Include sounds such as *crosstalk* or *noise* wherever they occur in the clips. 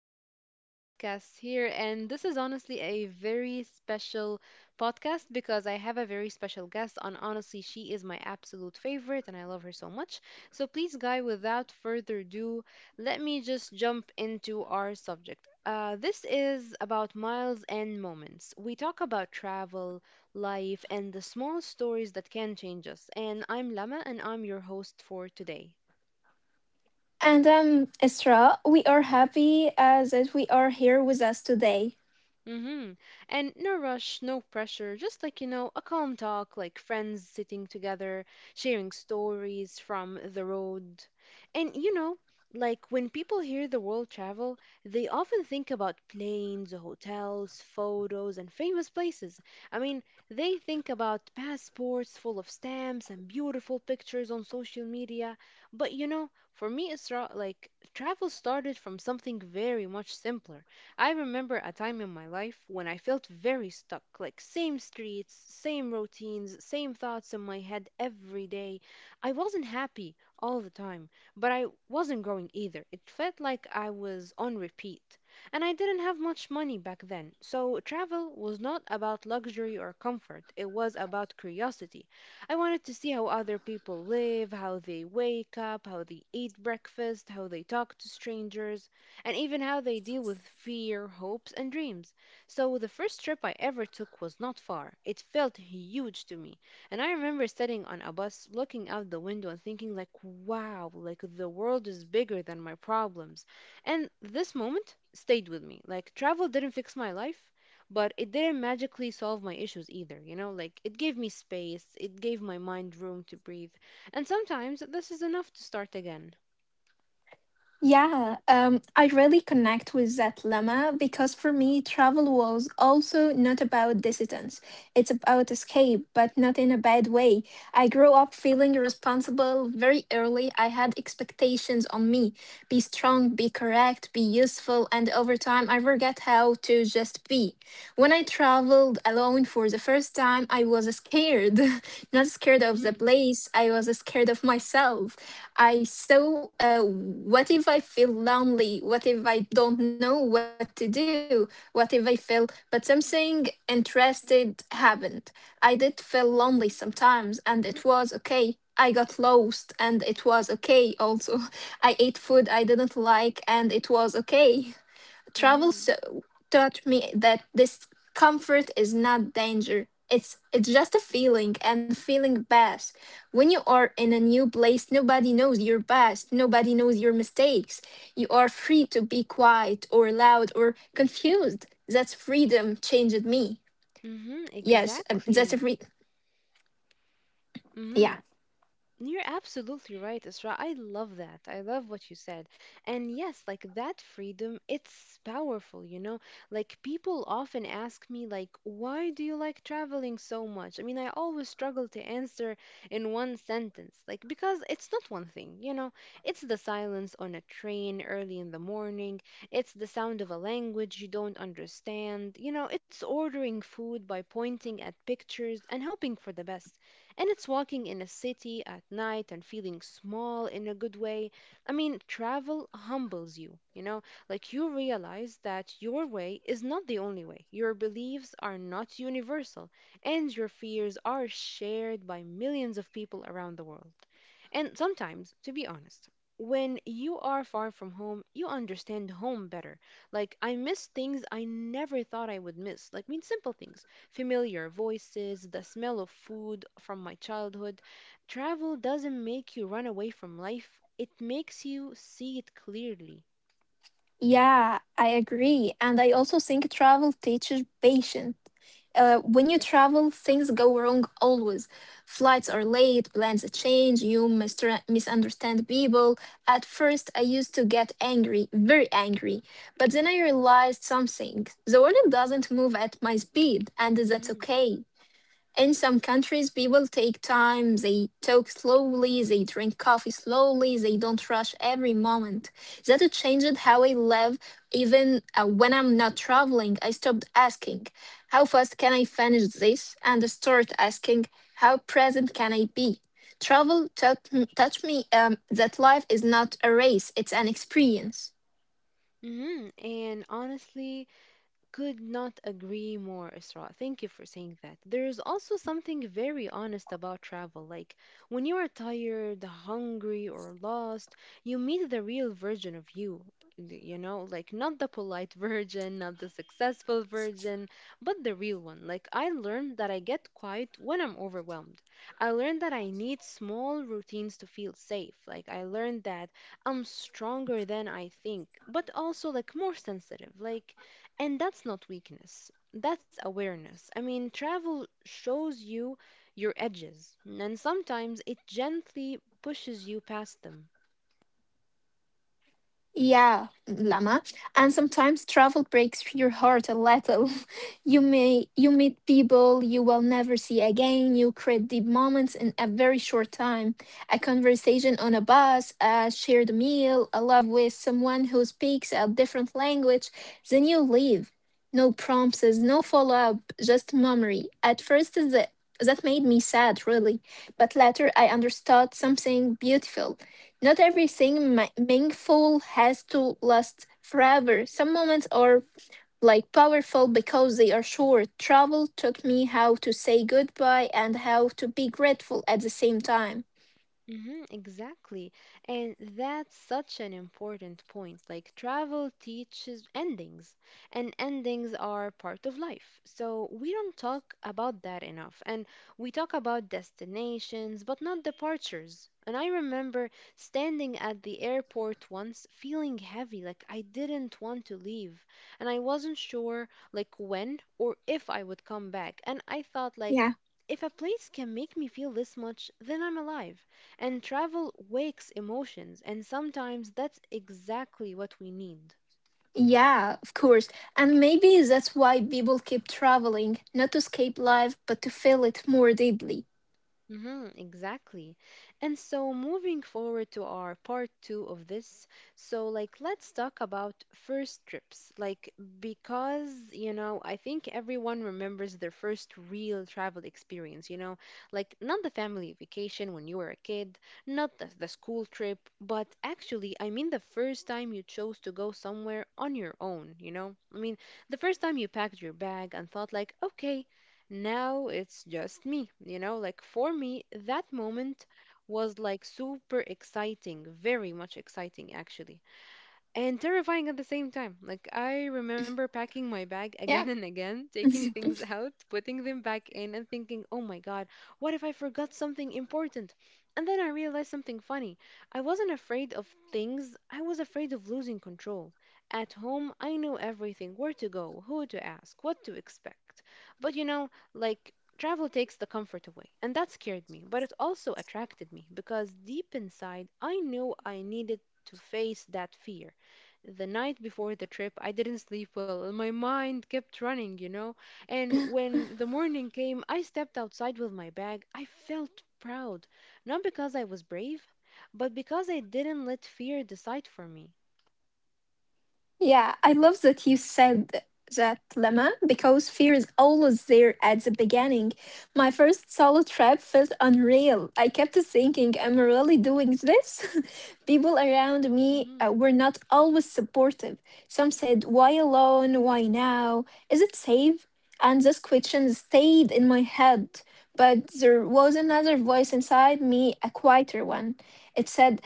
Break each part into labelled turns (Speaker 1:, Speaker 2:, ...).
Speaker 1: our podcast here. And this is honestly a very special podcast because I have a very special guest. And honestly, she is my absolute favorite, and I love her so much. So, please, guy, without further ado, let me just jump into our subject. This is about miles and moments. We talk about travel, life, and the small stories that can change us. And I'm Lama, and I'm your host for today.
Speaker 2: And Isra, we are happy that we are here with us today.
Speaker 1: Mm-hmm. And no rush, no pressure, just like, you know, a calm talk, like friends sitting together, sharing stories from the road. And, you know, like when people hear the world travel, they often think about planes, hotels, photos, and famous places. I mean, they think about passports full of stamps and beautiful pictures on social media. But, you know, for me, Isra, like travel started from something very much simpler. I remember a time in my life when I felt very stuck, like same streets, same routines, same thoughts in my head every day. I wasn't happy all the time, but I wasn't growing either. It felt like I was on repeat. And I didn't have much money back then, so travel was not about luxury or comfort, it was about curiosity. I wanted to see how other people live, how they wake up, how they eat breakfast, how they talk to strangers, and even how they deal with fear, hopes, and dreams. So the first trip I ever took was not far. It felt huge to me. And I remember sitting on a bus, looking out the window and thinking like, wow, like the world is bigger than my problems. And this moment stayed with me. Like travel didn't fix my life, but it didn't magically solve my issues either, you know? Like it gave me space, it gave my mind room to breathe. And sometimes this is enough to start again.
Speaker 2: Yeah, I really connect with that lemma because for me, travel was also not about distance. It's about escape, but not in a bad way. I grew up feeling responsible very early. I had expectations on me be strong, be correct, be useful, and over time, I forget how to just be. When I traveled alone for the first time, I was scared. *laughs* Not scared of the
Speaker 1: Mhm.
Speaker 2: place, I was scared of myself. I. I so What if I feel lonely? What if I don't know what to do? What if I feel but something interested happened? I did feel lonely sometimes and it was okay. I got lost and it was okay also. *laughs* I ate food I didn't like and it was okay. Travel
Speaker 1: Mhm.
Speaker 2: so taught me that discomfort is not danger. It's just a feeling and feeling best. When you are in a new place, nobody knows your past, nobody knows your mistakes. You are free to be quiet or loud or confused. That's freedom changed me.
Speaker 1: Mm-hmm,
Speaker 2: Yes, that's
Speaker 1: exactly.
Speaker 2: a free.
Speaker 1: Mm-hmm.
Speaker 2: Yeah.
Speaker 1: You're absolutely right, Isra. I love that. I love what you said. And yes, like that freedom, it's powerful, you know? Like people often ask me like, "Why do you like traveling so much?" I mean, I always struggle to answer in one sentence. Like because it's not one thing, you know? It's the silence on a train early in the morning, it's the sound of a language you don't understand, you know, it's ordering food by pointing at pictures and hoping for the best. And it's walking in a city at night and feeling small in a good way. I mean, travel humbles you, you know, like you realize that your way is not the only way. Your beliefs are not universal, and your fears are shared by millions of people around the world. And sometimes, to be honest, when you are far from home, you understand home better. Like, I miss things I never thought I would miss. Like, I mean, simple things, familiar voices, the smell of food from my childhood. Travel doesn't make you run away from life, it makes you see it clearly.
Speaker 2: Yeah, I agree. And I also think travel teaches patience. When you travel, things go wrong always. Flights are late, plans change, you misunderstand people. At first, I used to get angry, very angry. But then I realized something. The world doesn't move at my speed, and that's
Speaker 1: Mm-hmm.
Speaker 2: okay. In some countries people take time, they talk slowly, they drink coffee slowly, they don't rush every moment. That it changed how I live. Even when I'm not traveling, I stopped asking how fast can I finish this and start asking how present can I be. travel taught, Taught me that life is not a race, it's an experience.
Speaker 1: Mm-hmm. And honestly, could not agree more, Isra. Thank you for saying that. There is also something very honest about travel. Like when you are tired, hungry, or lost, you meet the real version of you. You know, like not the polite *laughs* version, not the successful version, but the real one. Like I learned that I get quiet when I'm overwhelmed. I learned that I need small routines to feel safe. Like I learned that I'm stronger than I think, but also like more sensitive. Like and that's not weakness, that's awareness. I mean, travel shows you your edges, and sometimes it gently pushes you past them.
Speaker 2: Yeah, Lama. And sometimes travel breaks your heart a little. *laughs* You meet people you will never see again. You create deep moments in a very short time. A conversation on a bus, a shared meal, a love with someone who speaks a different language. Then you leave. No promises, no follow up, just memory. That made me sad, really. But later, I understood something beautiful. Not everything meaningful has to last forever. Some moments are like powerful because they are short. Travel taught me how to say goodbye and how to be grateful at the same time.
Speaker 1: Hmm, exactly. And that's such an important point. Like, travel teaches endings, and endings are part of life. So, we don't talk about that enough. And we talk about destinations, but not departures. And I remember standing at the airport once feeling heavy, like I didn't want to leave. And I wasn't sure, like, when or if I would come back. And I thought, like,
Speaker 2: Yeah.
Speaker 1: if a place can make me feel this much, then I'm alive. And travel wakes emotions, and sometimes that's exactly what we need.
Speaker 2: Yeah, of course. And maybe that's why people keep traveling, not to escape life, but to feel it more deeply.
Speaker 1: Mm-hmm, exactly. And so moving forward to our part two of this, so like let's talk about first trips. Like because, you know, I think everyone remembers their first real travel experience, you know, like not the family vacation when you were a kid, not the school trip, but actually, I mean the first time you chose to go somewhere on your own, you know? I mean, the first time you packed your bag and thought like, okay, now it's just me, you know, like for me, that moment was like super exciting, very much exciting actually, and terrifying at the same time. Like I remember packing my bag again
Speaker 2: Yeah.
Speaker 1: and again, taking
Speaker 2: *laughs*
Speaker 1: things out, putting them back in, and thinking, "Oh my god, what if I forgot something important?" And then I realized something funny. I wasn't afraid of things, I was afraid of losing control. At home, I knew everything, where to go, who to ask, what to expect. But you know, like travel takes the comfort away, and that scared me, but it also attracted me because deep inside I knew I needed to face that fear. The night before the trip, I didn't sleep well and my mind kept running, you know. And when the morning came, I stepped outside with my bag, I felt proud, not because I was brave, but because I didn't let fear decide for me.
Speaker 2: Yeah, I love that you said that, Lemma, because fear is always there at the beginning. My first solo trip felt unreal. I kept thinking, "Am I really doing this?" *laughs* People around me
Speaker 1: Mhm.
Speaker 2: were not always supportive. Some said, why alone? Why now? Is it safe? And this question stayed in my head. But there was another voice inside me, a quieter one. It said,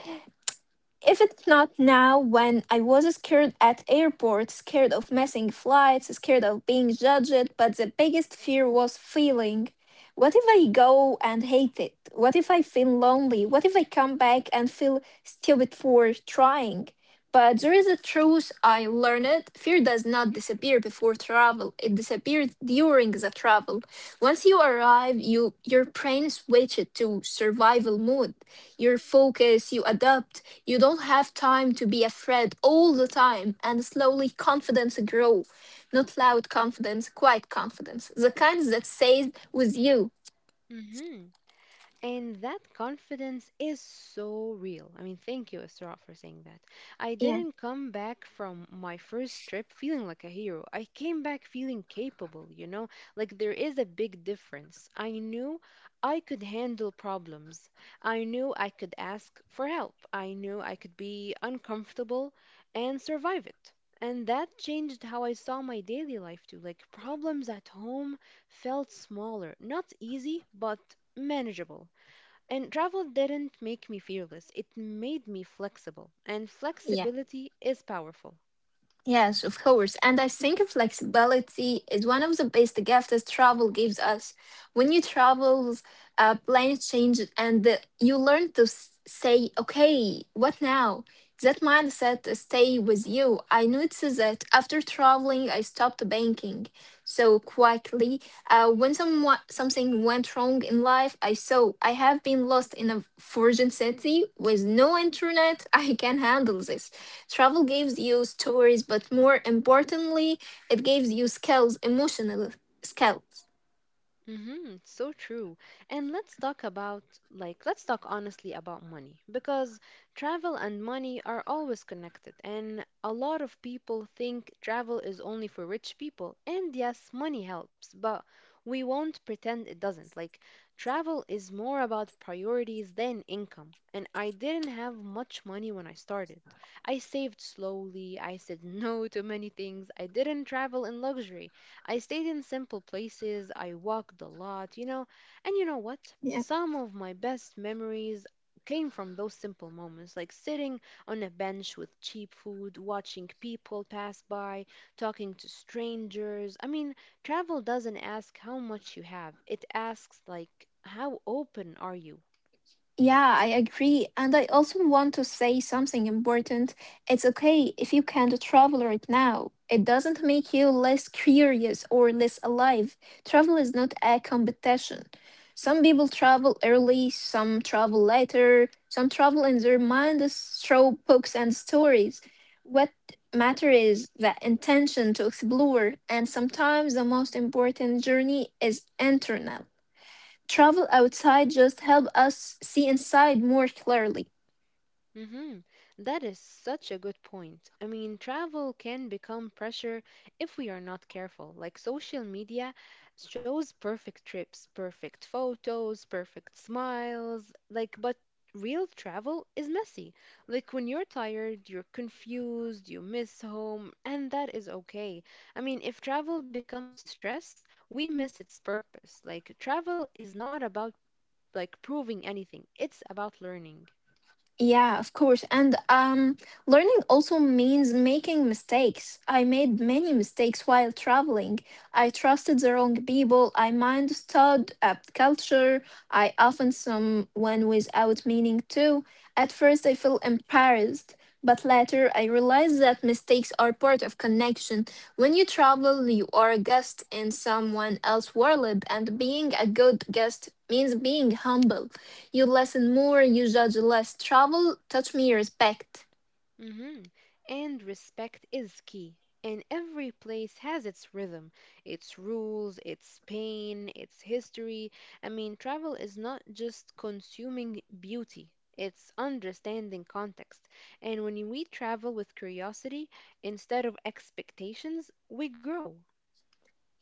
Speaker 2: if it's not now, when? I was scared at airports, scared of missing flights, scared of being judged, but the biggest fear was feeling. What if I go and hate it? What if I feel lonely? What if I come back and feel stupid for trying? But there is a truth I learned. Fear does not disappear before travel. It disappears during the travel. Once you arrive, your brain switches to survival mode, your focus, you adapt. You don't have time to be afraid all the time, and slowly confidence grow. Not loud confidence, quiet confidence. The kind that stays with you.
Speaker 1: Mhm. And that confidence is so real. I mean, thank you, Isra, for saying that. I
Speaker 2: Yeah.
Speaker 1: didn't come back from my first trip feeling like a hero. I came back feeling capable, you know? Like there is a big difference. I knew I could handle problems. I knew I could ask for help. I knew I could be uncomfortable and survive it. And that changed how I saw my daily life too. Like problems at home felt smaller, not easy, but manageable, and travel didn't make me fearless, it made me flexible. And
Speaker 2: Yeah.
Speaker 1: flexibility is powerful.
Speaker 2: Yes, of course. And I think flexibility is one of the best gifts that travel gives us. When you travel, plans change and you learn to say, okay, what now? That mindset stay with you. I noticed that after traveling, I stopped banking so quickly. When someone, something went wrong in life, I saw I have been lost in a foreign city with no internet. *laughs* I can handle this. Travel gives you stories, but more importantly, it gives you skills, emotional skills.
Speaker 1: Mm-hmm, so true. And let's talk about, like, let's talk honestly about money because travel and money are always connected. And a lot of people think travel is only for rich people. And yes, money helps, but we won't pretend it doesn't. Like, travel is more about priorities than income. And I didn't have much money when I started. I saved slowly, I said *laughs* no to many things, I didn't travel in luxury. I stayed in simple places, I walked a lot, you know. And you know what?
Speaker 2: Yeah.
Speaker 1: Some of my best memories came from those simple moments, like sitting on a bench with cheap food, watching people pass by, talking to strangers. I mean, travel doesn't ask how much you have, it asks, like, how open are you?
Speaker 2: Yeah, I agree. And I also want to say something important. It's okay if you can't travel right now. It doesn't make you less curious or less alive. Travel is not a competition. Some people travel early, some travel later, some travel in their mind is through books and stories. What matter is the intention to explore, and sometimes the most important journey is internal. Travel outside just helps us see inside more clearly.
Speaker 1: Mm-hmm. That is such a good point. I mean, travel can become pressure if we are not careful. Like social media shows perfect trips, perfect photos, perfect smiles, like but real travel is messy. Like when you're tired, you're confused, you miss home, and that is okay. I mean, if travel becomes stress, we miss its purpose. Like travel is not about like proving anything. It's about learning.
Speaker 2: Yeah, of course. And learning also means making mistakes. I made many mistakes while traveling. I trusted the wrong people. I misunderstood a culture. I often someone without meaning too. At first, I felt embarrassed, but later I realized that mistakes are part of connection. When you travel, you are a guest in someone else's world, and being a good guest means being humble. You listen more, you judge less. Travel taught me respect.
Speaker 1: Hmm. And respect is key. And every place has its rhythm, its rules, its pain, its history. I mean, travel is not just consuming beauty, it's understanding context. And when we travel with curiosity instead of expectations, we grow.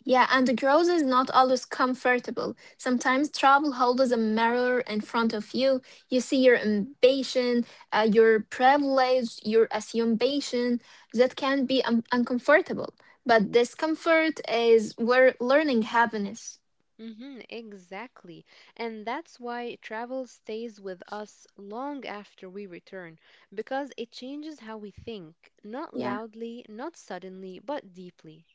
Speaker 2: Yeah, and growth is not always comfortable. Sometimes travel holds a mirror in front of you. You see your ambition, your privilege, your assumption that can be uncomfortable. But discomfort is where learning happiness.
Speaker 1: Mm-hmm, exactly. And that's why travel stays with us long after we return, because it changes how we think, not
Speaker 2: Yeah.
Speaker 1: loudly, not suddenly, but deeply.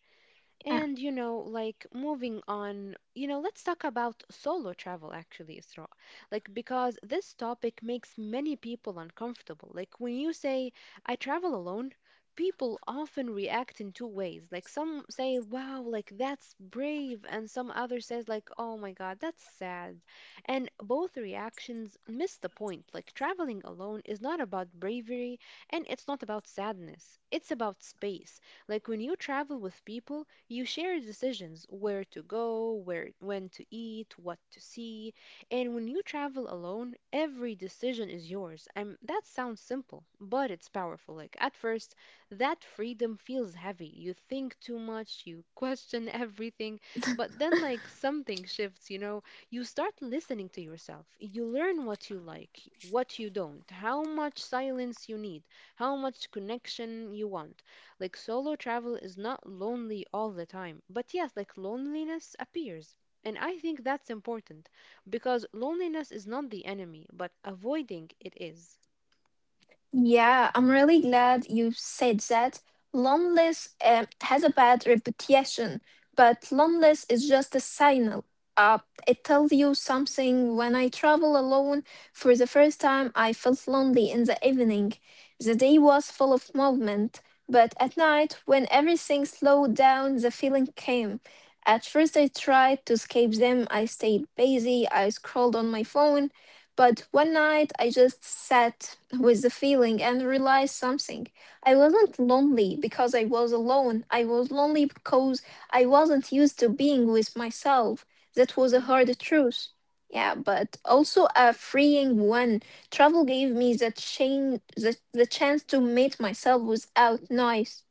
Speaker 2: Yeah.
Speaker 1: And you know, like moving on, you know, let's talk about solo travel actually, Isra. Like because this topic makes many people uncomfortable. Like when you say I travel alone, people often react in two ways. Like some say, "Wow, like that's brave," and some other says like, "Oh my God, that's sad." And both reactions miss the point. Like traveling alone is not about bravery and it's not about sadness. It's about space. Like when you travel with people, you share decisions where to go, where when to eat, what to see, and when you travel alone, every decision is yours. And that sounds simple, but it's powerful. Like at first, that freedom feels heavy. You think too much, you *laughs* question everything, but then like something shifts, you know, you start listening to yourself. You learn what you like, what you don't, how much silence you need, how much connection you want. Like solo travel is not lonely all the time, but yes, like loneliness appears. And I think that's important because loneliness is not the enemy, but avoiding it is.
Speaker 2: Yeah, I'm really glad you said that. Loneliness has a bad reputation, but loneliness is just a signal. Uh, it tells you something. When I travel alone for the first time, I felt lonely in the evening. The day was full of movement, but at night, when everything slowed down, the feeling came. At first, I tried to escape them. I stayed busy. I scrolled on my phone. But one night I just sat with the feeling and realized something. I wasn't lonely because I was alone. I was lonely because I wasn't used to being with myself. That was a
Speaker 1: Hmm.
Speaker 2: hard truth. Yeah, but also a freeing one. Travel gave me the chance to meet myself without noise.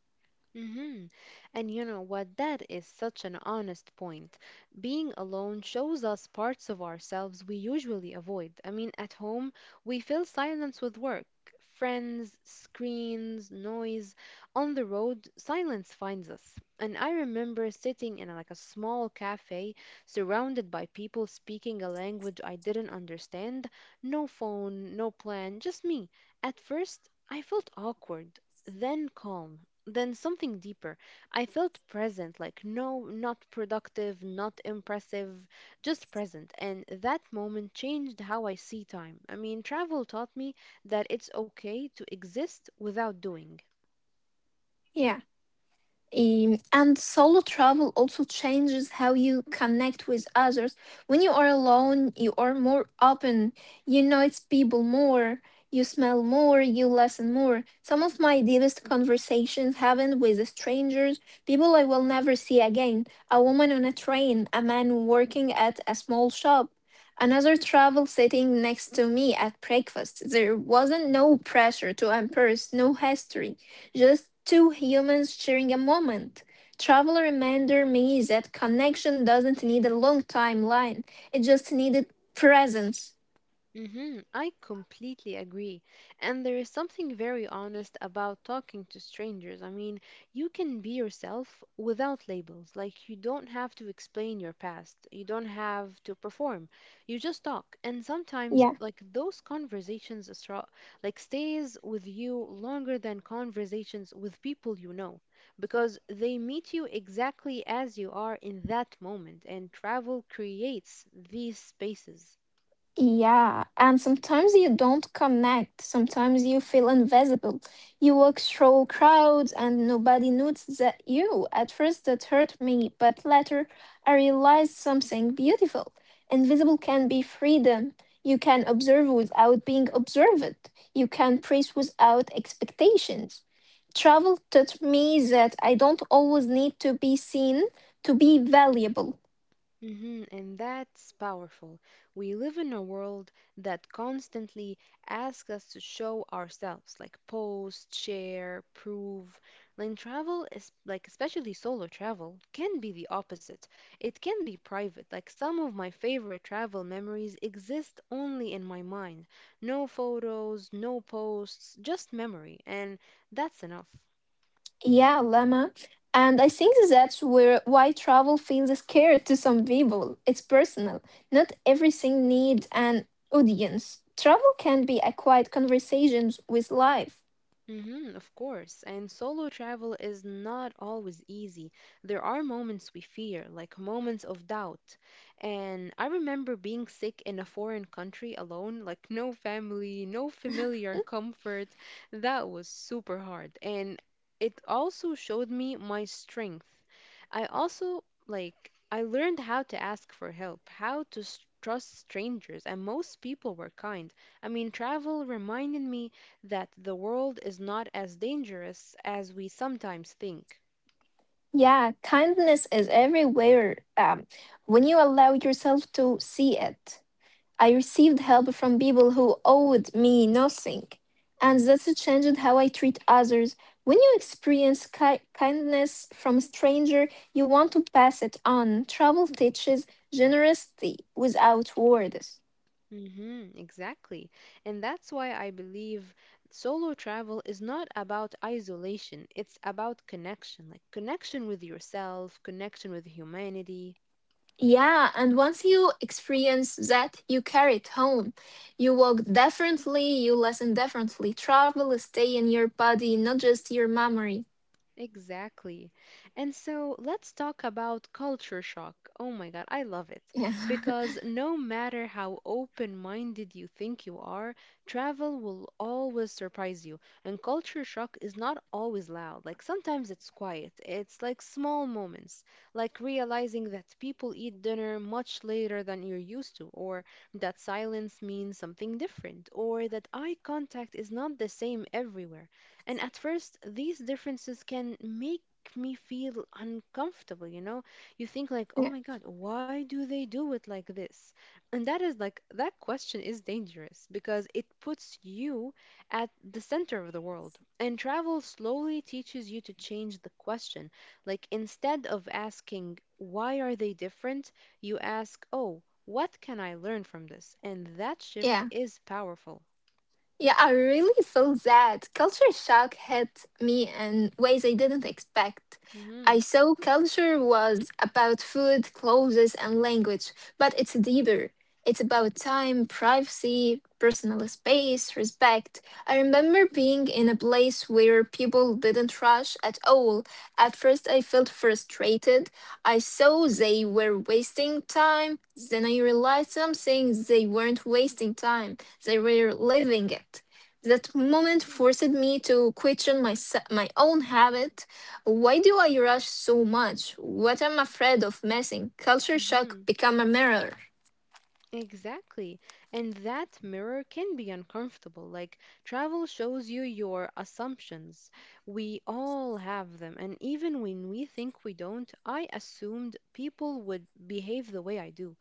Speaker 1: Hmm. And you know what? That is such an honest point. Being alone shows us parts of ourselves we usually avoid. I mean, at home, we fill silence with work, friends, screens, noise. On the road, silence finds us. And I remember sitting in like a small cafe surrounded by people speaking a language I didn't understand. No phone, no plan, just me. At first, I felt awkward, then calm, then something deeper. I felt present, like no, not productive, not impressive, just present. And that moment changed how I see time. I mean, travel taught me that it's okay to exist without doing.
Speaker 2: Yeah. And solo travel also changes how you connect with others. When you are alone, you are more open. You notice people more. You smell more. You listen more. Some of my deepest conversations happened with strangers, people I will never see again. A woman on a train, a man working at a small shop, another travel sitting next to me at breakfast. There wasn't no pressure to impress, no history, just two humans sharing a moment. Travel reminded me that connection doesn't need a long timeline, it just needed presence.
Speaker 1: I completely agree. And there is something very honest about talking to strangers. I mean, you can be yourself without labels. Like, you don't have to explain your past, you don't have to perform. You just talk. And sometimes,
Speaker 2: Yeah.
Speaker 1: like, those conversations, like, stays with you longer than conversations with people you know, because they meet you exactly as you are in that moment. And travel creates these spaces.
Speaker 2: Yeah, and sometimes you don't connect. Sometimes you feel invisible. You walk through crowds and nobody notices that you. At first, that hurt me, but later, I realized something beautiful. Invisible can be freedom. You can observe without being observed. You can praise without expectations. Travel taught me that I don't always need to be seen to be valuable.
Speaker 1: And that's powerful. We live in a world that constantly asks us to show ourselves, like post, share, prove. Like travel is like, especially solo travel, can be the opposite. It can be private. Like some of my favorite travel memories exist only in my mind. No photos, no posts, just memory, and that's enough.
Speaker 2: Yeah, Lemma. And I think that's where why travel feels scared to some people. It's personal. Not everything needs an audience. Travel can be a quiet conversations with life.
Speaker 1: Mm-hmm, of course. And solo travel is not always easy. There are moments we fear, like moments of doubt. And I remember being sick in a foreign country alone, like no family, no familiar comfort. That was super hard. And it also showed me my strength. I also, like, I learned how to ask for help, how to trust strangers, and most people were kind. I mean, travel reminded me that the world is not as dangerous as we sometimes think.
Speaker 2: Yeah, kindness is everywhere when you allow yourself to see it. I received help from people who owed me nothing. And that's changed how I treat others. When you experience kindness from a stranger, you want to pass it on. Travel teaches generosity without words.
Speaker 1: Exactly. And that's why I believe solo travel is not about isolation, it's about connection, like connection with yourself, connection with humanity.
Speaker 2: Yeah, and once you experience that, you carry it home. You walk differently, you listen differently. Travel stay in your body, not just your memory.
Speaker 1: Exactly. And so let's talk about culture shock. Oh my God, I love it.
Speaker 2: Yeah.
Speaker 1: Because no matter how open-minded you think you are, travel will always surprise you. And culture shock is not always loud. Like sometimes it's quiet, it's like small moments, like realizing that people eat dinner much later than you're used to, or that silence means something different, or that eye contact is not the same everywhere. And at first, these differences can make me feel uncomfortable, you know? You think, like,
Speaker 2: *laughs*
Speaker 1: oh
Speaker 2: Yeah.
Speaker 1: my God, why do they do it like this? And that is like, that question is dangerous because it puts you at the center of the world. And travel slowly teaches you to change the question. Like, instead of asking, why are they different? You ask, oh, what can I learn from this? And that shift
Speaker 2: Yeah.
Speaker 1: is powerful.
Speaker 2: Yeah, I really felt that culture shock hit me in ways I didn't expect. I
Speaker 1: hmm.
Speaker 2: saw culture was about food, clothes, and language, but it's deeper. It's about time, privacy, personal space, respect. I remember being in a place where people didn't rush at all. At first, I felt frustrated. I saw they were wasting time. Then I realized something, they weren't wasting time, they were living it. That moment forced me to question my own habit. Why do I rush so much? What I'm afraid of missing? Culture shock become a mirror.
Speaker 1: Exactly. And that mirror can be uncomfortable. Like, travel shows you your assumptions. We all have them. And even when we think we don't, I assumed people would behave the way I do,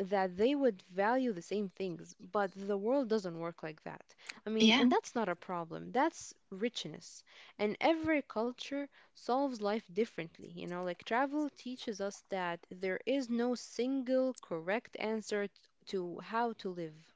Speaker 1: that they would value the same things. But the world doesn't work like that. I mean,
Speaker 2: Yeah.
Speaker 1: and that's not a problem, that's richness. And every culture solves life differently. You know, like, travel teaches us that there is no single correct answer to how to live.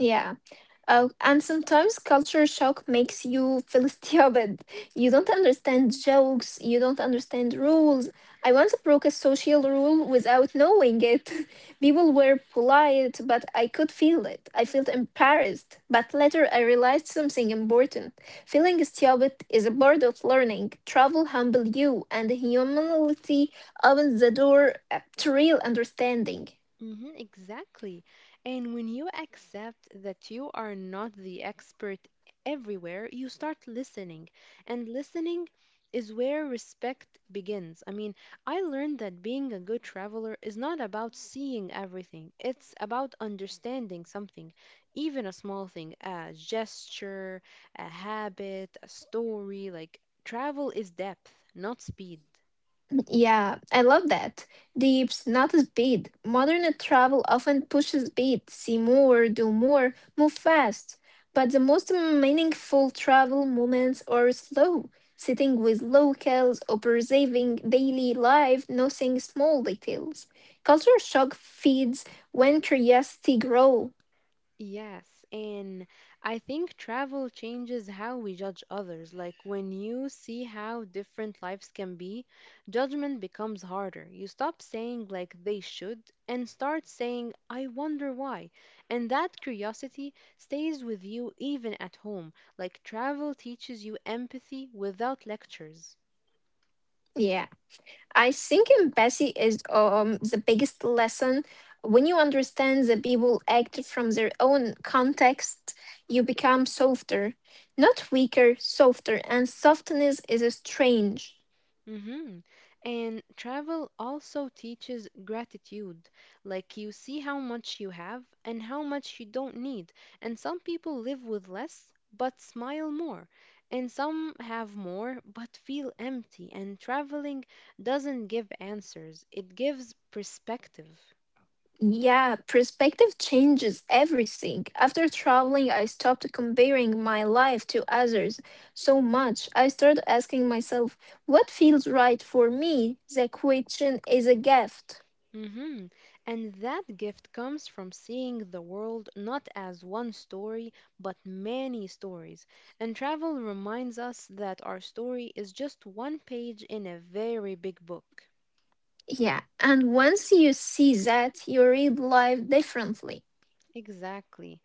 Speaker 2: Yeah. And sometimes culture shock makes you feel *laughs* stupid. You don't understand jokes, you don't understand rules. I once broke a social rule without knowing it. *laughs* People were polite, but I could feel it. I felt embarrassed. But later I realized something important. Feeling stupid is a part of learning. Travel humble you, and humility opens the door to real understanding.
Speaker 1: Mm-hmm, exactly. And when you accept that you are not the expert everywhere, you start listening. And listening is where respect begins. I mean, I learned that being a good traveler is not about seeing everything, it's about understanding something, even a small thing, a gesture, a habit, a story. Like, travel is depth, not speed.
Speaker 2: Yeah, I love that. Deeps, not speed. Modern travel often pushes speed, see more, do more, move fast. But the most meaningful travel moments are slow, sitting with locals, observing daily life, noticing small details. Culture shock feeds when curiosity grows.
Speaker 1: Yes, and I think travel changes how we judge others. Like when you see how different lives can be, judgment becomes harder. You stop saying like they should and start saying I wonder why. And that curiosity stays with you even at home. Like travel teaches you empathy without lectures.
Speaker 2: Yeah. I think empathy is the biggest lesson. When you understand that people act from their own context, you become softer, not weaker, softer, and softness is a strange.
Speaker 1: Mm-hmm. And travel also teaches gratitude. Like you see how much you have and how much you don't need. And some people live with less but smile more. And some have more but feel empty. And traveling doesn't give answers, it gives perspective.
Speaker 2: Yeah, perspective changes everything. After traveling, I stopped comparing my life to others so much. I started asking myself, what feels right for me? The question is a gift.
Speaker 1: hmm And that gift comes from seeing the world not as one story, but many stories. And travel reminds us that our story is just one page in a very big book.
Speaker 2: Yeah, and once you see that, you read life differently.
Speaker 1: Exactly.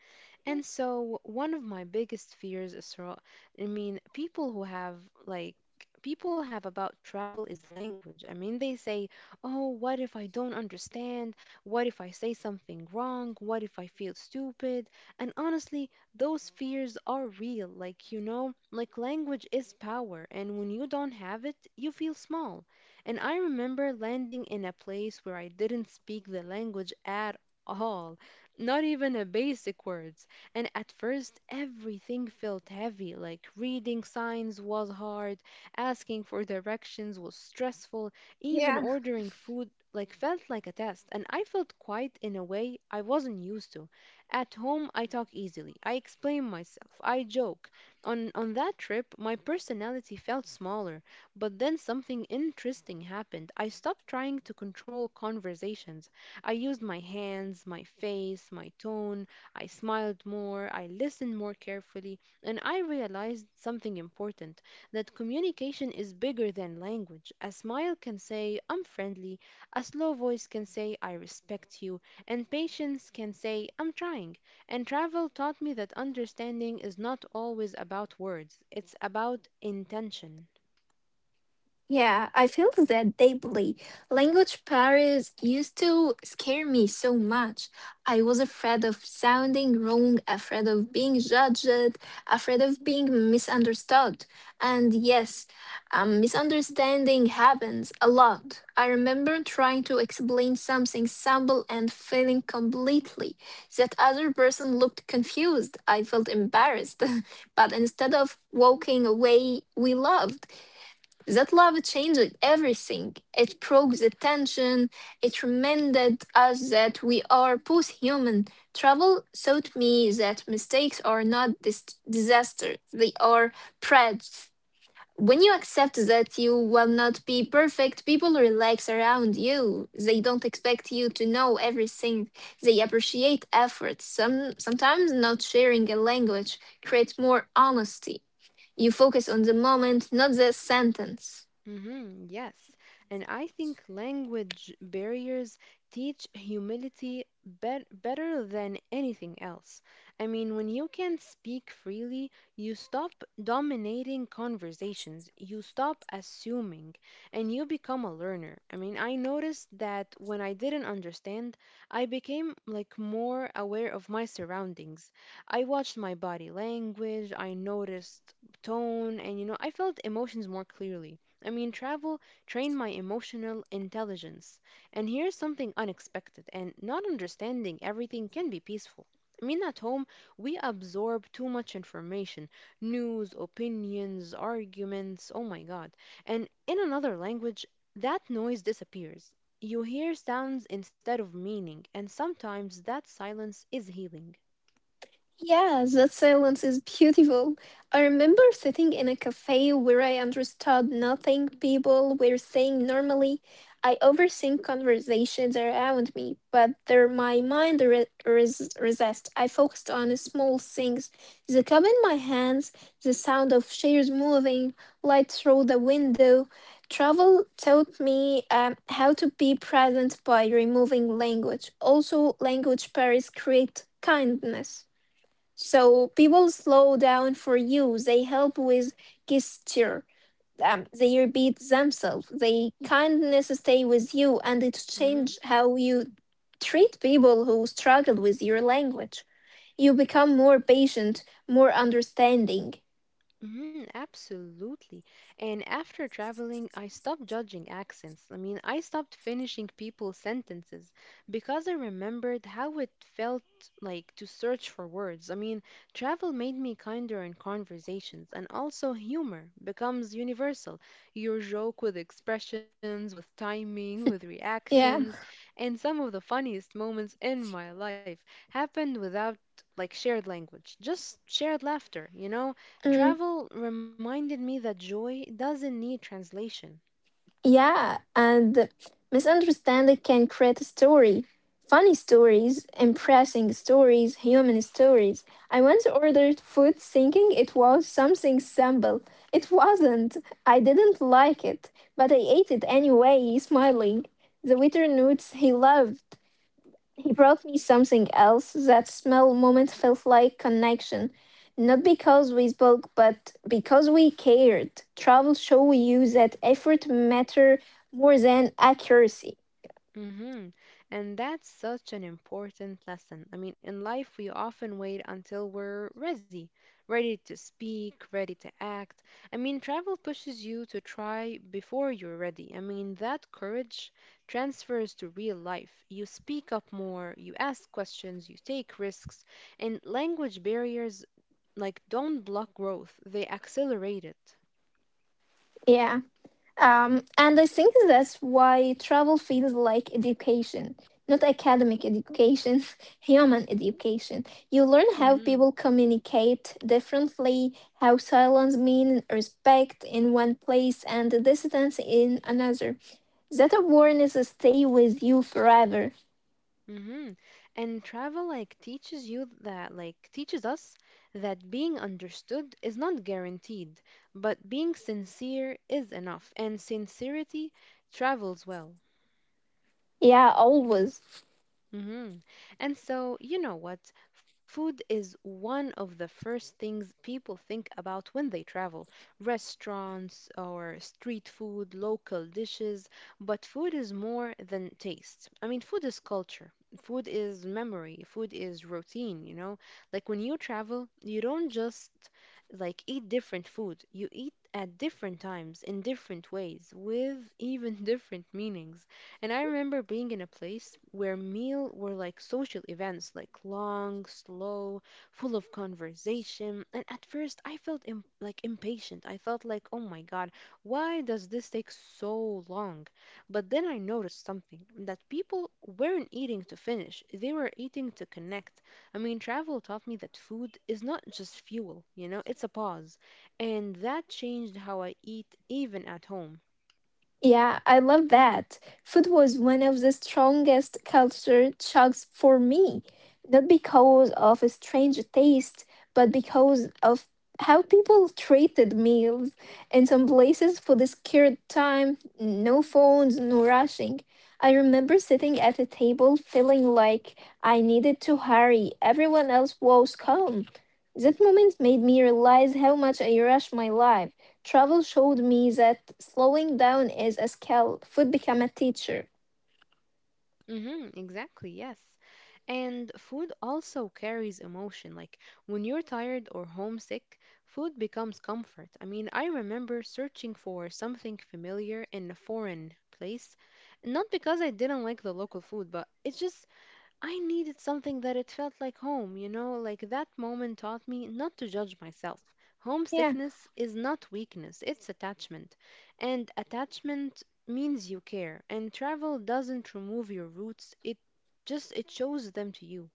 Speaker 1: And so one of my biggest fears is, I mean, people who have, like, people have about travel is language. I mean they say, "Oh, what if I don't understand? What if I say something wrong? What if I feel stupid?" And honestly, those fears are real. Like, you know, like language is power, and when you don't have it, you feel small. And I remember landing in a place where I didn't speak the language at all, not even a basic words. And at first, everything felt heavy, like reading signs was hard, asking for directions was stressful, even
Speaker 2: Yeah.
Speaker 1: ordering food like felt like a test, and I felt quiet in a way I wasn't used to. At home I talk easily, I explain myself, I joke. On that trip my personality felt smaller, but then something interesting happened. I stopped trying to control conversations. I used my hands, my face, my tone. I smiled more, I listened more carefully, and I realized something important, that communication is bigger than language. A smile can say, I'm friendly, a slow voice can say, I respect you, and patience can say, I'm trying. And travel taught me that understanding is not always about words, it's about intention.
Speaker 2: Yeah, I feel that deeply. Language barriers used to scare me so much. I was afraid of sounding wrong, afraid of being judged, afraid of being misunderstood. And yes, misunderstanding happens a lot. I remember trying to explain something simple and feeling completely that other person looked confused. I felt embarrassed, *laughs* but instead of walking away, we laughed that love changed everything. It broke the tension. It reminded us that we are both human. Travel taught me that mistakes are not disasters, they are threats. When you accept that you will not be perfect, people relax around you. They don't expect you to know everything. They appreciate effort. Sometimes not sharing a language creates more honesty. You focus on the moment, not the sentence.
Speaker 1: Yes. And I think language barriers teach humility better than anything else. I mean, when you can speak freely, you stop dominating conversations, you stop assuming, and you become a learner. I mean, I noticed that when I didn't understand, I became like more aware of my surroundings. I watched my body language, I noticed tone, and you know, I felt emotions more clearly. I mean, travel trained my emotional intelligence. And here's something unexpected, and not understanding everything can be peaceful. I mean, at home, we absorb too much information, news, opinions, arguments, oh my God. And in another language, that noise disappears. You hear sounds instead of meaning, and sometimes that silence is healing.
Speaker 2: Yes, that silence is beautiful. I remember sitting in a cafe where I understood nothing people were saying normally. I overthink conversations around me, but there my mind resist. I focused on small things, the cup in my hands, the sound of chairs moving, light through the window. Travel taught me how to be present by removing language. Also, language pairs create kindness. So people slow down for you. They help with gesture. They repeat themselves. They kindness stay with you, and it
Speaker 1: Mm-hmm.
Speaker 2: change how you treat people who struggle with your language. You become more patient, more understanding.
Speaker 1: Mhm, absolutely. And after traveling, I stopped judging accents. I mean, I stopped finishing people's sentences because I remembered how it felt like to search for words. I mean, travel made me kinder in conversations, and also humor becomes universal. Your joke with expressions, with timing, with
Speaker 2: Yeah.
Speaker 1: reactions, and some of the funniest moments in my life happened without like shared language, just shared laughter, you know?
Speaker 2: Mm.
Speaker 1: Travel reminded me that joy doesn't need translation.
Speaker 2: Yeah, and misunderstanding can create a story. Funny stories, impressing stories, human stories. I once ordered food thinking it was something simple. It wasn't. I didn't like it, but I ate it anyway, smiling. The waiter notes he loved. He brought me something else. That small moment felt like connection. Not because we spoke, but because we cared. Travel show you that effort matter more than accuracy.
Speaker 1: hmm And that's such an important lesson. I mean, in life, we often wait until we're ready, ready to speak, ready to act. I mean, travel pushes you to try before you're ready. I mean, that courage transfers to real life. You speak up more, you ask questions, you take risks, and language barriers like don't block growth, they accelerate it.
Speaker 2: Yeah. And I think that's why travel feels like education. Not academic education, *laughs* human education. You learn how people communicate differently, how silence means respect in one place and distance in another. That awareness stays with you forever.
Speaker 1: Mm-hmm. And travel like teaches you that, like teaches us that being understood is not guaranteed, but being sincere is enough, and sincerity travels well.
Speaker 2: Yeah, always.
Speaker 1: hmm And so, you know what? Food is one of the first things people think about when they travel. Restaurants or street food, local dishes. But food is more than taste. I mean, food is culture. Food is memory. Food is routine, you know? Like when you travel, you don't just like eat different food. You eat at different times, in different ways, with even *laughs* different meanings. And I remember being in a place where meal were like social events, like long, slow, full of conversation. And at first, I felt like impatient. I felt like, oh my God, why does this take so long? But then I noticed something, that people weren't eating to finish, they were eating to connect. I mean, travel taught me that food is not just fuel, you know, it's a pause. And that changed how I eat even at home.
Speaker 2: Yeah, I love that. Food was one of the strongest culture shocks for me, not because of a strange taste, but because of how people treated meals. In some places, food is scared time, no phones, no rushing. I remember sitting at a table feeling like I needed to hurry. Everyone else was calm. That moment made me realize how much I rush my life. Travel showed me that slowing down is a skill. Food become a teacher.
Speaker 1: Mm-hmm, exactly, yes. And food also carries emotion. Like when you're tired or homesick, food becomes comfort. I mean, I remember searching for something familiar in a foreign place, not because I didn't like the local food, but it's just I needed something that it felt like home, you know, like that moment taught me not to judge myself.
Speaker 2: Yeah.
Speaker 1: Homesickness is not weakness, it's attachment. And attachment means you care. And travel doesn't remove your roots, it just it shows them to you.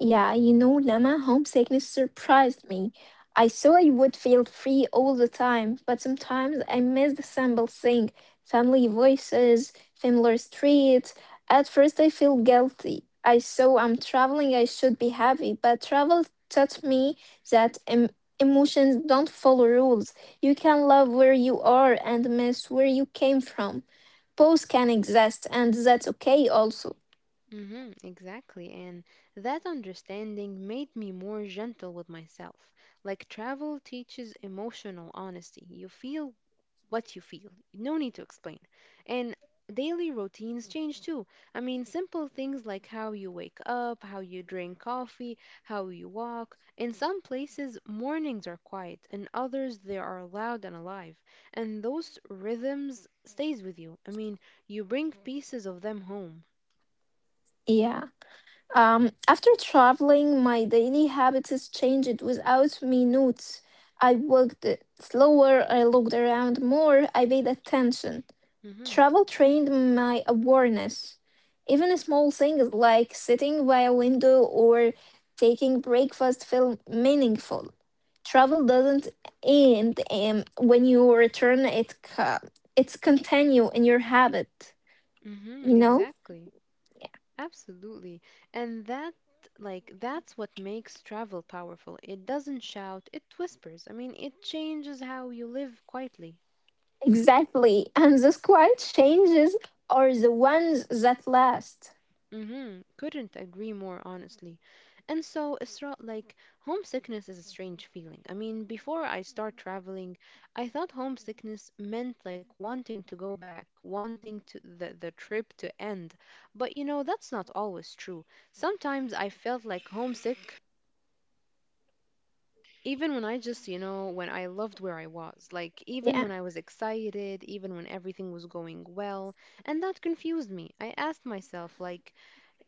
Speaker 2: Yeah, you know, Lama, homesickness surprised me. I saw I would feel free all the time, but sometimes I miss the simple thing, family voices, familiar streets. At first, I feel guilty. I saw I'm traveling, I should be happy, but travel taught me that emotions don't follow rules. You can love where you are and miss where you came from. Both can exist, and that's okay also.
Speaker 1: Exactly. And that understanding made me more gentle with myself. Like travel teaches emotional honesty. You feel what you feel. No need to explain. And daily routines change too. I mean, simple things like how you wake up, how you drink coffee, how you walk. In some places, mornings are quiet. In others, they are loud and alive. And those rhythms stays with you. I mean, you bring pieces of them home.
Speaker 2: Yeah, after traveling my daily habits has changed without me notes. I walked slower, I looked around more, I paid attention.
Speaker 1: Mhm.
Speaker 2: Travel trained my awareness. Even small things like sitting by a window or taking breakfast feel meaningful. Travel doesn't end when you return, it it's continue in your habit.
Speaker 1: Mhm.
Speaker 2: You know?
Speaker 1: Exactly. Absolutely. And that, like, that's what makes travel powerful. It doesn't shout, it whispers. I mean, it changes how you live quietly.
Speaker 2: Exactly. And those quiet changes are the ones that last.
Speaker 1: Mm-hmm. Couldn't agree more, honestly. And so, Isra, like, homesickness is a strange feeling. I mean, before I start traveling, I thought homesickness meant, like, wanting to go back, wanting the trip to end. But that's not always true. Sometimes I felt like homesick even when I just when I loved where I was, like even
Speaker 2: Yeah.
Speaker 1: when I was excited, even when everything was going well, and that confused me. I asked myself, like,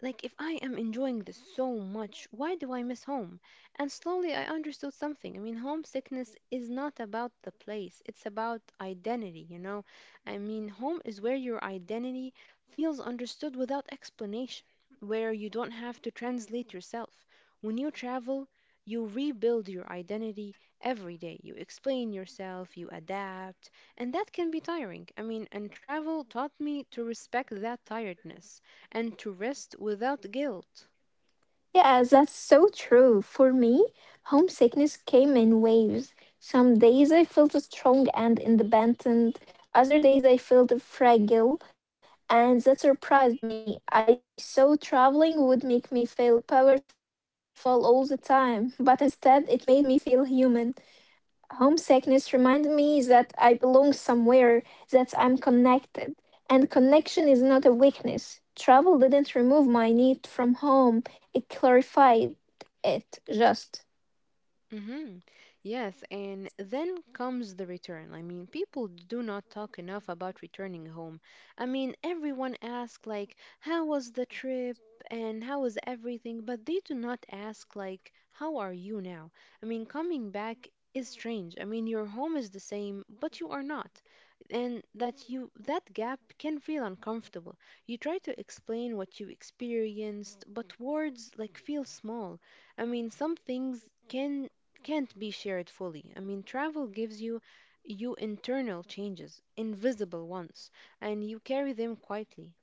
Speaker 1: if I am enjoying this so much, why do I miss home? And slowly I understood something. I mean, homesickness is not about the place, it's about identity, you know? I mean, home is where your identity feels understood without explanation, where you don't have to translate yourself. When you travel, you rebuild your identity every day. You explain yourself, you adapt, and that can be tiring. I mean, and travel taught me to respect that tiredness and to rest without guilt.
Speaker 2: Yeah, that's so true. For me, homesickness came in waves. Some days I felt strong and independent. Other days I felt fragile. And that surprised me. I thought traveling would make me feel powerful all the time, but instead it made me feel human. Homesickness reminds me that I belong somewhere, that I'm connected. And connection is not a weakness. Travel didn't remove my need from home, it clarified it just.
Speaker 1: Mm-hmm. Yes, and then comes the return. I mean, people do not talk enough about returning home. I mean, everyone asks, like, how was the trip and how was everything, but they do not ask, like, how are you now? I mean, coming back is strange. I mean, your home is the same, but you are not. And that gap can feel uncomfortable. You try to explain what you experienced, but words like feel small. I mean, some things can't be shared fully. I mean, travel gives you internal changes, invisible ones, and you carry them quietly.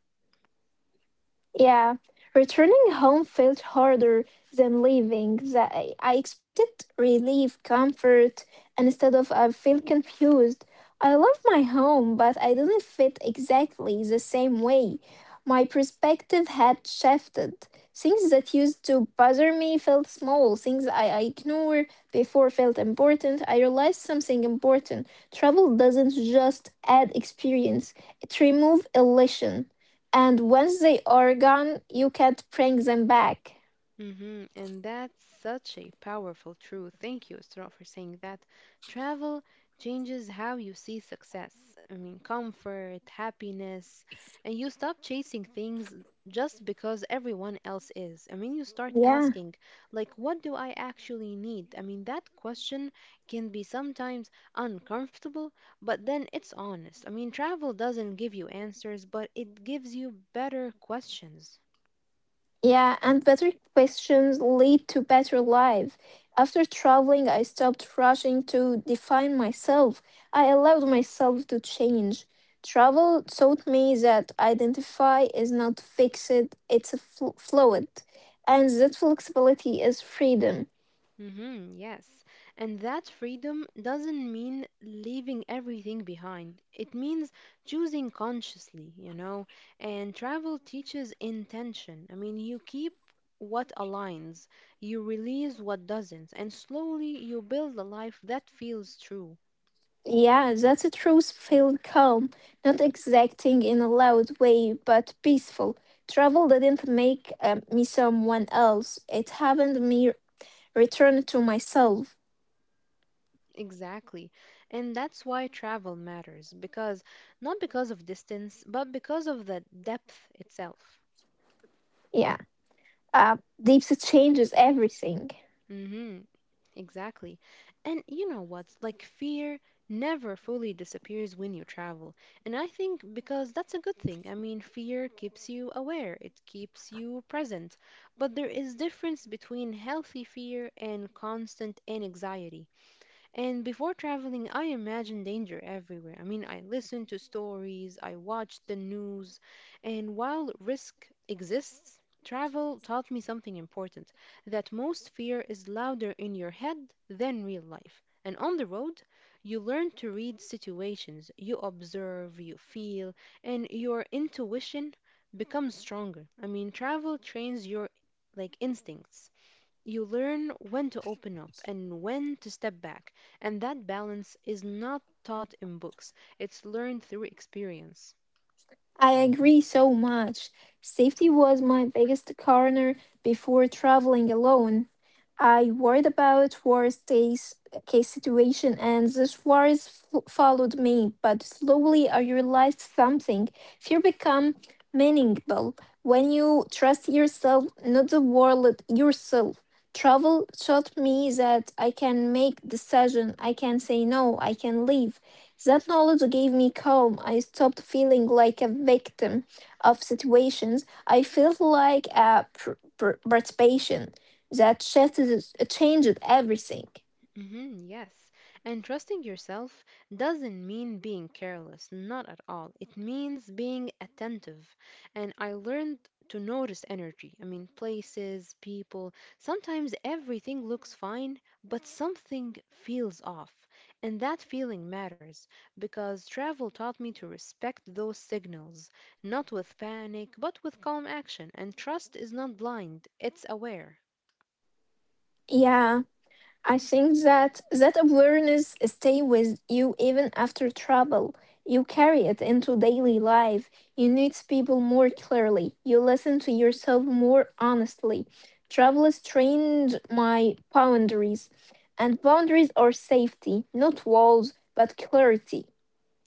Speaker 2: Yeah, returning home felt harder than leaving. The, I expected relief, comfort, and instead of I feel confused. I love my home, but I didn't fit exactly the same way. My perspective had shifted. Things that used to bother me felt small. Things I ignored before felt important. I realized something important. Travel doesn't just add experience, it removes illusion. And once they are gone, you can't bring them back.
Speaker 1: Hmm. And that's such a powerful truth. Thank you, Isra, for saying that. Travel changes how you see success. I mean, comfort, happiness, and you stop chasing things just because everyone else is. I mean, you start.
Speaker 2: Yeah.
Speaker 1: Like, what do I actually need? I mean, that question can be sometimes uncomfortable, but then it's honest. I mean, travel doesn't give you answers, but it gives you better questions.
Speaker 2: Yeah, and better questions lead to better life. After traveling, I stopped rushing to define myself. I allowed myself to change. Travel taught me that identify is not fixed, it's a fluid. And that flexibility is freedom.
Speaker 1: Mm-hmm, yes. And that freedom doesn't mean leaving everything behind. It means choosing consciously, you know. And travel teaches intention. I mean, you keep what aligns, you release what doesn't, and slowly you build a life that feels true.
Speaker 2: Yeah, that's a truth-filled calm, not exacting in a loud way, but peaceful. Travel didn't make me someone else; it happened me return to myself.
Speaker 1: Exactly. And that's why travel matters, because not because of distance, but because of the depth itself.
Speaker 2: Yeah, uh, deeps changes everything.
Speaker 1: Mm-hmm. Exactly. And you know what? Like, fear never fully disappears when you travel. And I think because that's a good thing. I mean, fear keeps you aware, it keeps you present. But there is difference between healthy fear and constant anxiety. And before traveling, I imagined danger everywhere. I mean, I listened to stories, I watched the news, and while risk exists, travel taught me something important that most fear is louder in your head than real life. And on the road, you learn to read situations, you observe, you feel, and your intuition becomes stronger. I mean, travel trains your, like, instincts. You learn when to open up and when to step back. And that balance is not taught in books, it's learned through experience.
Speaker 2: I agree so much. Safety was my biggest corner before traveling alone. I worried about worst case, case situation and this worries followed me, but slowly I realized something. Fear become meaningful when you trust yourself, not the world yourself. Travel taught me that I can make decision, I can say no, I can leave. That knowledge gave me calm. I stopped feeling like a victim of situations. I felt like a participation. That shift changed everything.
Speaker 1: Hmm, yes. And trusting yourself doesn't mean being careless, not at all. It means being attentive. And I learned to notice energy. I mean, places, people. Sometimes everything looks fine, but something feels off. And that feeling matters because travel taught me to respect those signals, not with panic, but with calm action. And trust is not blind, it's aware.
Speaker 2: Yeah. I think that awareness stay with you even after travel. You carry it into daily life. You notice people more clearly. You listen to yourself more honestly. Travel has trained my boundaries, and boundaries are safety, not walls, but clarity.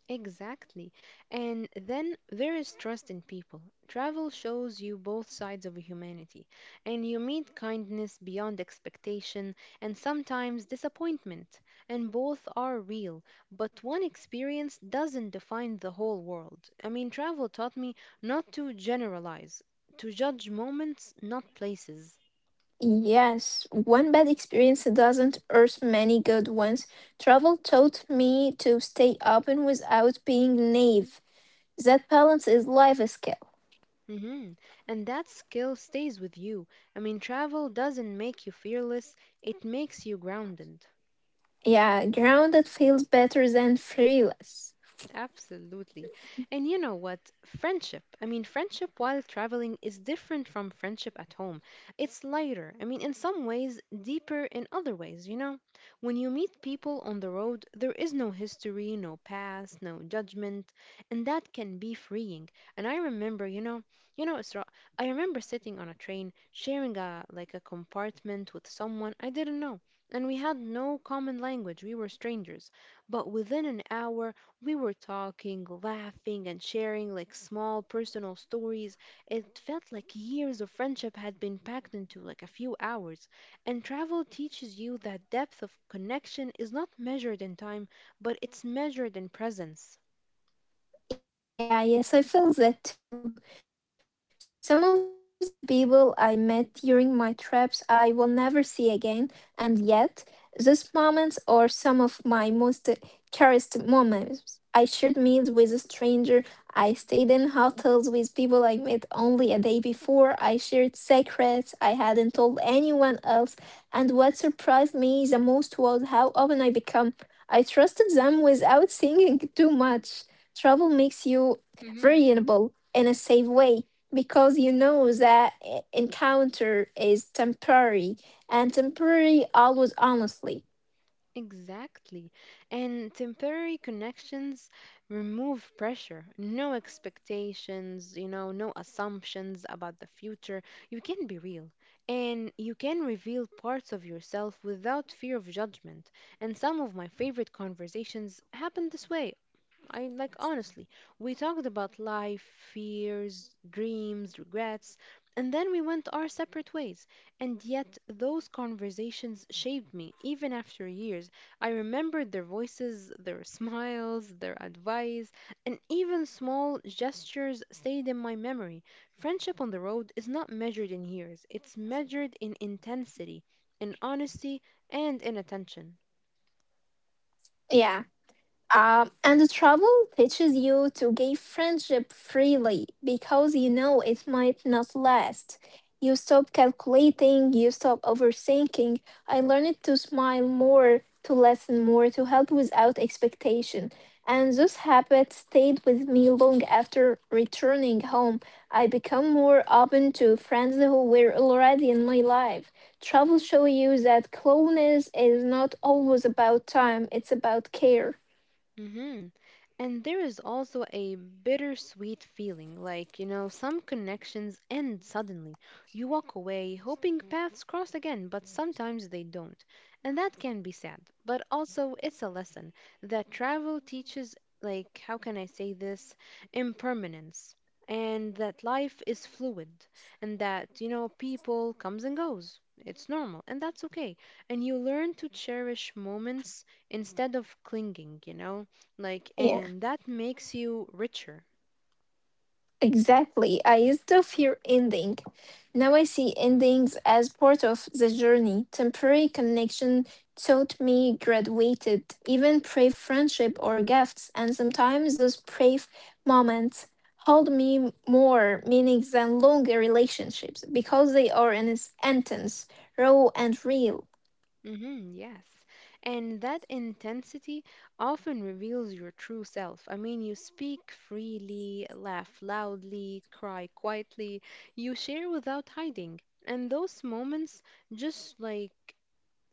Speaker 1: Exactly. And then there is trust in people. Travel shows you both sides of humanity, and you meet kindness beyond expectation and sometimes disappointment, and both are real. But one experience doesn't define the whole world. I mean, travel taught me not to generalize, to judge moments, not places.
Speaker 2: Yes, one bad experience doesn't earth many good ones. Travel taught me to stay open without being naive. That balance is life skill.
Speaker 1: Hmm. And that skill stays with you. I mean, travel doesn't make you fearless, it makes you grounded.
Speaker 2: Yeah, grounded feels better than fearless.
Speaker 1: Absolutely. And you know what? Friendship. I mean, friendship while traveling is different from friendship at home. It's lighter. I mean, in some ways, deeper in other ways, you know? When you meet people on the road, there is no history, no past, no judgment, and that can be freeing. And I remember, Isra, I remember sitting on a train, sharing a like a compartment with someone I didn't know, and we had no common language. We were strangers. But within an hour, we were talking, laughing, and sharing like small personal stories. It felt like years of friendship had been packed into like a few hours. And travel teaches you that depth of connection is not measured in time, but it's measured in presence.
Speaker 2: Yeah, yes, I feel that too. Some of the people I met during my trips I will never see again, and yet, those moments are some of my most cherished moments. I shared meals with a stranger, I stayed in hotels with people I met only a day before, I shared secrets I hadn't told anyone else, and what surprised me the most was how open I became. I trusted them without thinking too much. Travel makes you
Speaker 1: Hmm.
Speaker 2: variable in a safe way because you know that encounter is temporary and temporary always honestly.
Speaker 1: Exactly. And temporary connections remove pressure, no expectations, you know, no assumptions about the future. You can be real and you can reveal parts of yourself without fear of judgment. And some of my favorite conversations happen this way. I, like, honestly, we talked about life, fears, dreams, regrets, and then we went our separate ways. And yet, those conversations shaped me even after years. I remembered their voices, their *laughs* smiles, their advice, and even small gestures stayed in my memory. Friendship on the road is not measured in years, it's measured in intensity, in honesty, and in attention.
Speaker 2: Yeah. And travel teaches you to give friendship freely because you know it might not last. You stop calculating, you stop overthinking. I learned to smile more, to listen more, to help without expectation. And this habit stayed with me long after returning home. I become more open to friends who were already in my life. Travel show you that closeness is not always about time, it's about care.
Speaker 1: Mm-hmm. And there is also a bittersweet feeling, like, some connections end suddenly. You walk away hoping paths cross again, but sometimes they don't. And that can be sad, but also it's a lesson that travel teaches, like, how can I say this? Impermanence. And that life is fluid, and that people comes and goes. It's normal, and that's okay. And you learn to cherish moments instead of clinging, you know? Like,
Speaker 2: Yeah,
Speaker 1: and that makes you richer.
Speaker 2: exactly. I used to fear ending. Now I see endings as part of the journey. Temporary connection taught me graduated, even brave friendship or gifts, and sometimes those brave moments hold me more meaning than longer relationships because they are intense, raw, and real.
Speaker 1: Mm hmm yes. And that intensity often reveals your true self. I mean, you speak freely, laugh loudly, cry quietly. You share without hiding, and those moments, just like,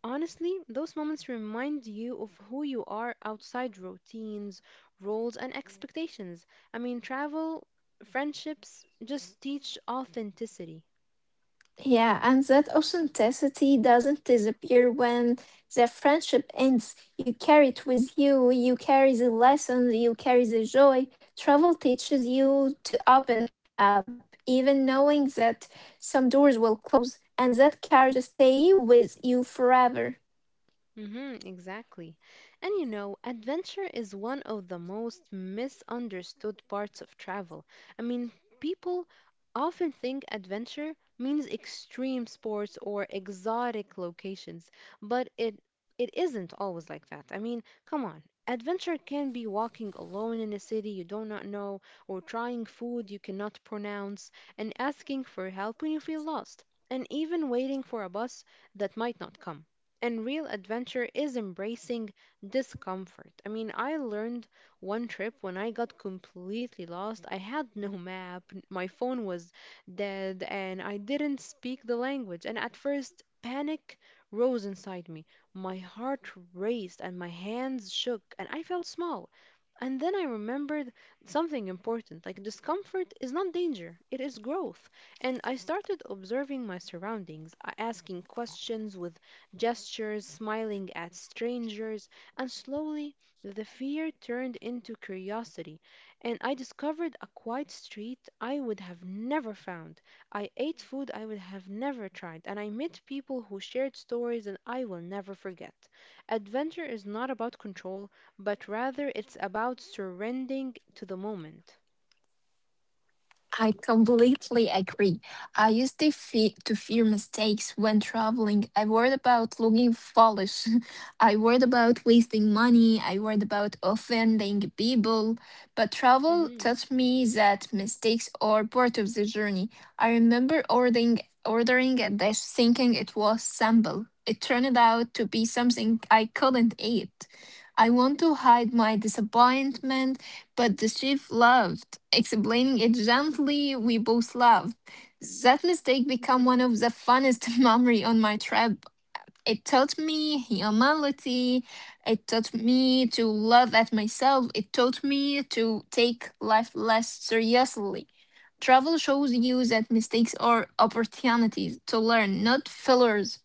Speaker 1: honestly, those moments remind you of who you are outside routines, roles, and expectations. I mean, travel friendships just teach authenticity.
Speaker 2: Yeah, and that authenticity doesn't disappear when the friendship ends. You carry it with you, you carry the lessons, you carry the joy. Travel teaches you to open up, even knowing that some doors will close, and that courage stay with you forever.
Speaker 1: Mm-hmm, exactly. And adventure is one of the most misunderstood parts of travel. I mean, people often think adventure means extreme sports or exotic locations, but it isn't always like that. I mean, come on. Adventure can be walking alone in a city you do not know, or trying food you cannot pronounce, and asking for help when you feel lost, and even waiting for a bus that might not come. And real adventure is embracing discomfort. I mean, I learned one trip when I got completely lost. I had no *laughs* map, my phone was dead, and I didn't speak the language. And at first, panic rose inside me. My heart raced and my hands shook, and I felt small. And then I remembered something important like, discomfort is not danger, it is growth. And I started observing my surroundings, asking questions with gestures, smiling at strangers, and slowly the fear turned into curiosity, and I discovered a quiet street I would have never found. I ate food I would have never tried, and I met people who shared stories that I will never forget. Adventure is not about control, but rather it's about surrendering to the moment.
Speaker 2: I completely agree. I used to, to fear mistakes when traveling. I worried about looking foolish. *laughs* I worried about wasting money. I worried about offending people. But travel
Speaker 1: Mhm.
Speaker 2: taught me that mistakes are part of the journey. I remember ordering a dish thinking it was simple. It turned out to be something I couldn't eat. I want to hide my disappointment but the chief laughed, explaining it gently. We both laughed. That mistake became one of the funnest *laughs* memory on my trip. It taught me humility. It taught me to love at myself. It taught me to take life less seriously. Travel shows you that mistakes are opportunities to learn, not failures.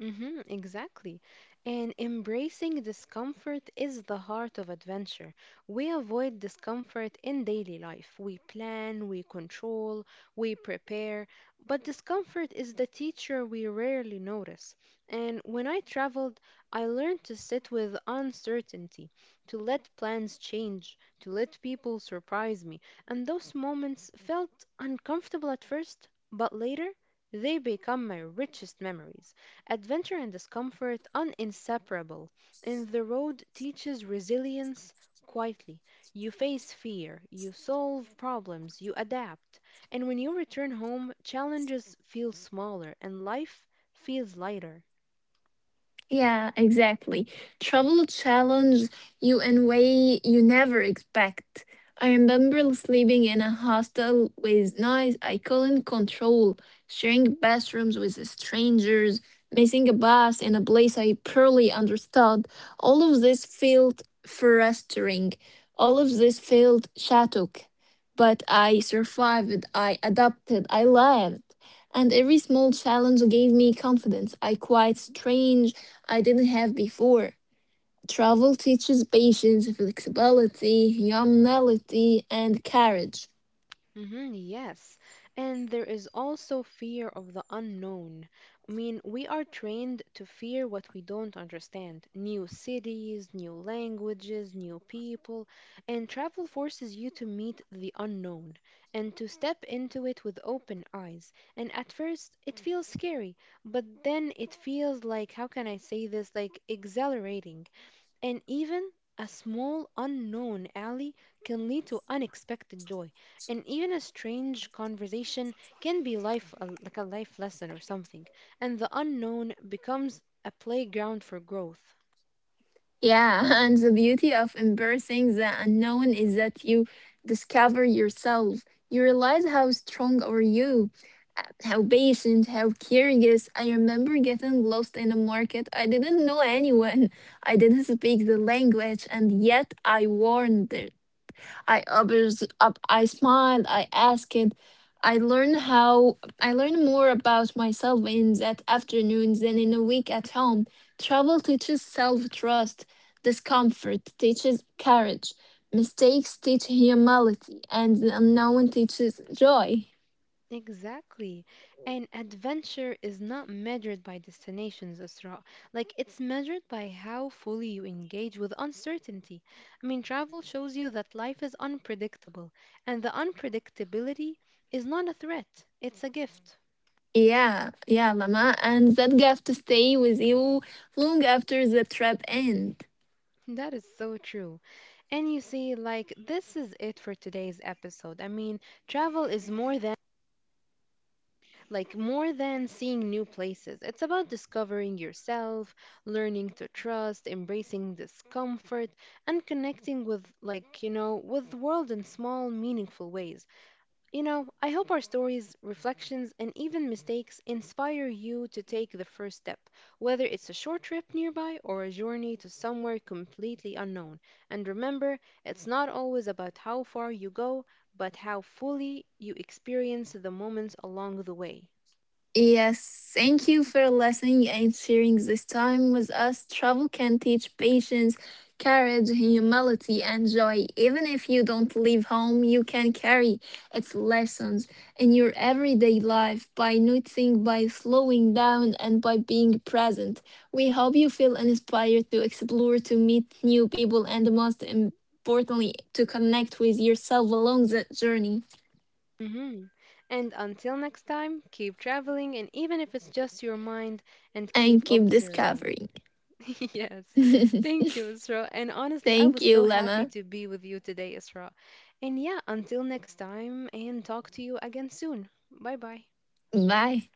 Speaker 1: Mm-hmm, exactly. And embracing discomfort is the heart of adventure. We avoid discomfort in daily life. We plan, we control, we prepare, but discomfort is the teacher we rarely notice. And when I traveled, I learned to sit with uncertainty, to let plans change, to let people surprise me. And those moments felt uncomfortable at first, but later they become my richest memories. Adventure and discomfort uninseparable. And the road teaches resilience quietly. You face fear, you solve problems, you adapt. And when you return home, challenges feel smaller and life feels lighter.
Speaker 2: Yeah, exactly. Travel challenge you in way you never expect. I remember sleeping in a hostel with noise I couldn't control, sharing bathrooms with strangers, missing a bus in a place I poorly understood. All of this felt frustrating. All of this felt shattered. But I survived, I adapted, I lived. And every small challenge gave me confidence. I quite strange I didn't have before. Travel teaches patience, flexibility, humility, and courage.
Speaker 1: Mm-hmm, yes. And there is also fear of the unknown. I mean, we are trained to fear what we don't understand, new cities, new languages, new people. And travel forces you to meet the unknown and to step into it with open eyes. And at first, it feels scary, but then it feels like, how can I say this? Like exhilarating and even a small unknown alley can lead to unexpected joy. And even a strange conversation can be life like a life lesson or something. And the unknown becomes a playground for growth.
Speaker 2: Yeah, *laughs* and the beauty of embracing the unknown is that you discover yourself. You realize how strong are you, how patient, how curious. I remember getting lost in a market. I didn't know anyone. I didn't speak the language, and yet I warned there. I obvious up, I smiled, I asked, I learned more about myself in that afternoon than in a week at home. Travel teaches self trust, discomfort teaches courage, mistakes teach humility, and the unknown teaches joy.
Speaker 1: Exactly. And adventure is not measured by destinations, Asra. Like, it's measured by how fully you engage with uncertainty. I mean, travel shows you that life is unpredictable, and the unpredictability is not a threat, it's a gift.
Speaker 2: Yeah, yeah, Lama, and that gift to stay with you long after the trip ends.
Speaker 1: That is so true. And you see, like, this is it for today's episode. I mean, travel is more than seeing new places. It's about discovering yourself, learning to trust, embracing discomfort, and connecting with, like, with the world in small, meaningful ways. I hope our stories, reflections, and even mistakes inspire you to take the first step, whether it's a short trip nearby or a journey to somewhere completely unknown. And remember, it's not always about how far you go, but how fully you experience the moments along the way.
Speaker 2: Yes, thank you for listening and sharing this time with us. Travel can teach patience, courage, humility, and joy. Even if you don't leave home, you can carry its lessons in your everyday life by noticing, by slowing down, and by being present. We hope you feel inspired to explore, to meet new people, and most importantly, to connect with yourself along the journey
Speaker 1: Mhm. And until next time, keep traveling, and even if it's just your mind, and
Speaker 2: and
Speaker 1: keep
Speaker 2: keep
Speaker 1: observing.
Speaker 2: discovering.
Speaker 1: *laughs* Yes.
Speaker 2: *laughs*
Speaker 1: Thank you, Isra. And honestly, I
Speaker 2: Thank
Speaker 1: was
Speaker 2: you,
Speaker 1: so happy
Speaker 2: Lema.
Speaker 1: to be with you today, Isra. And yeah, until next time, and talk to you again soon. Bye bye.
Speaker 2: Bye.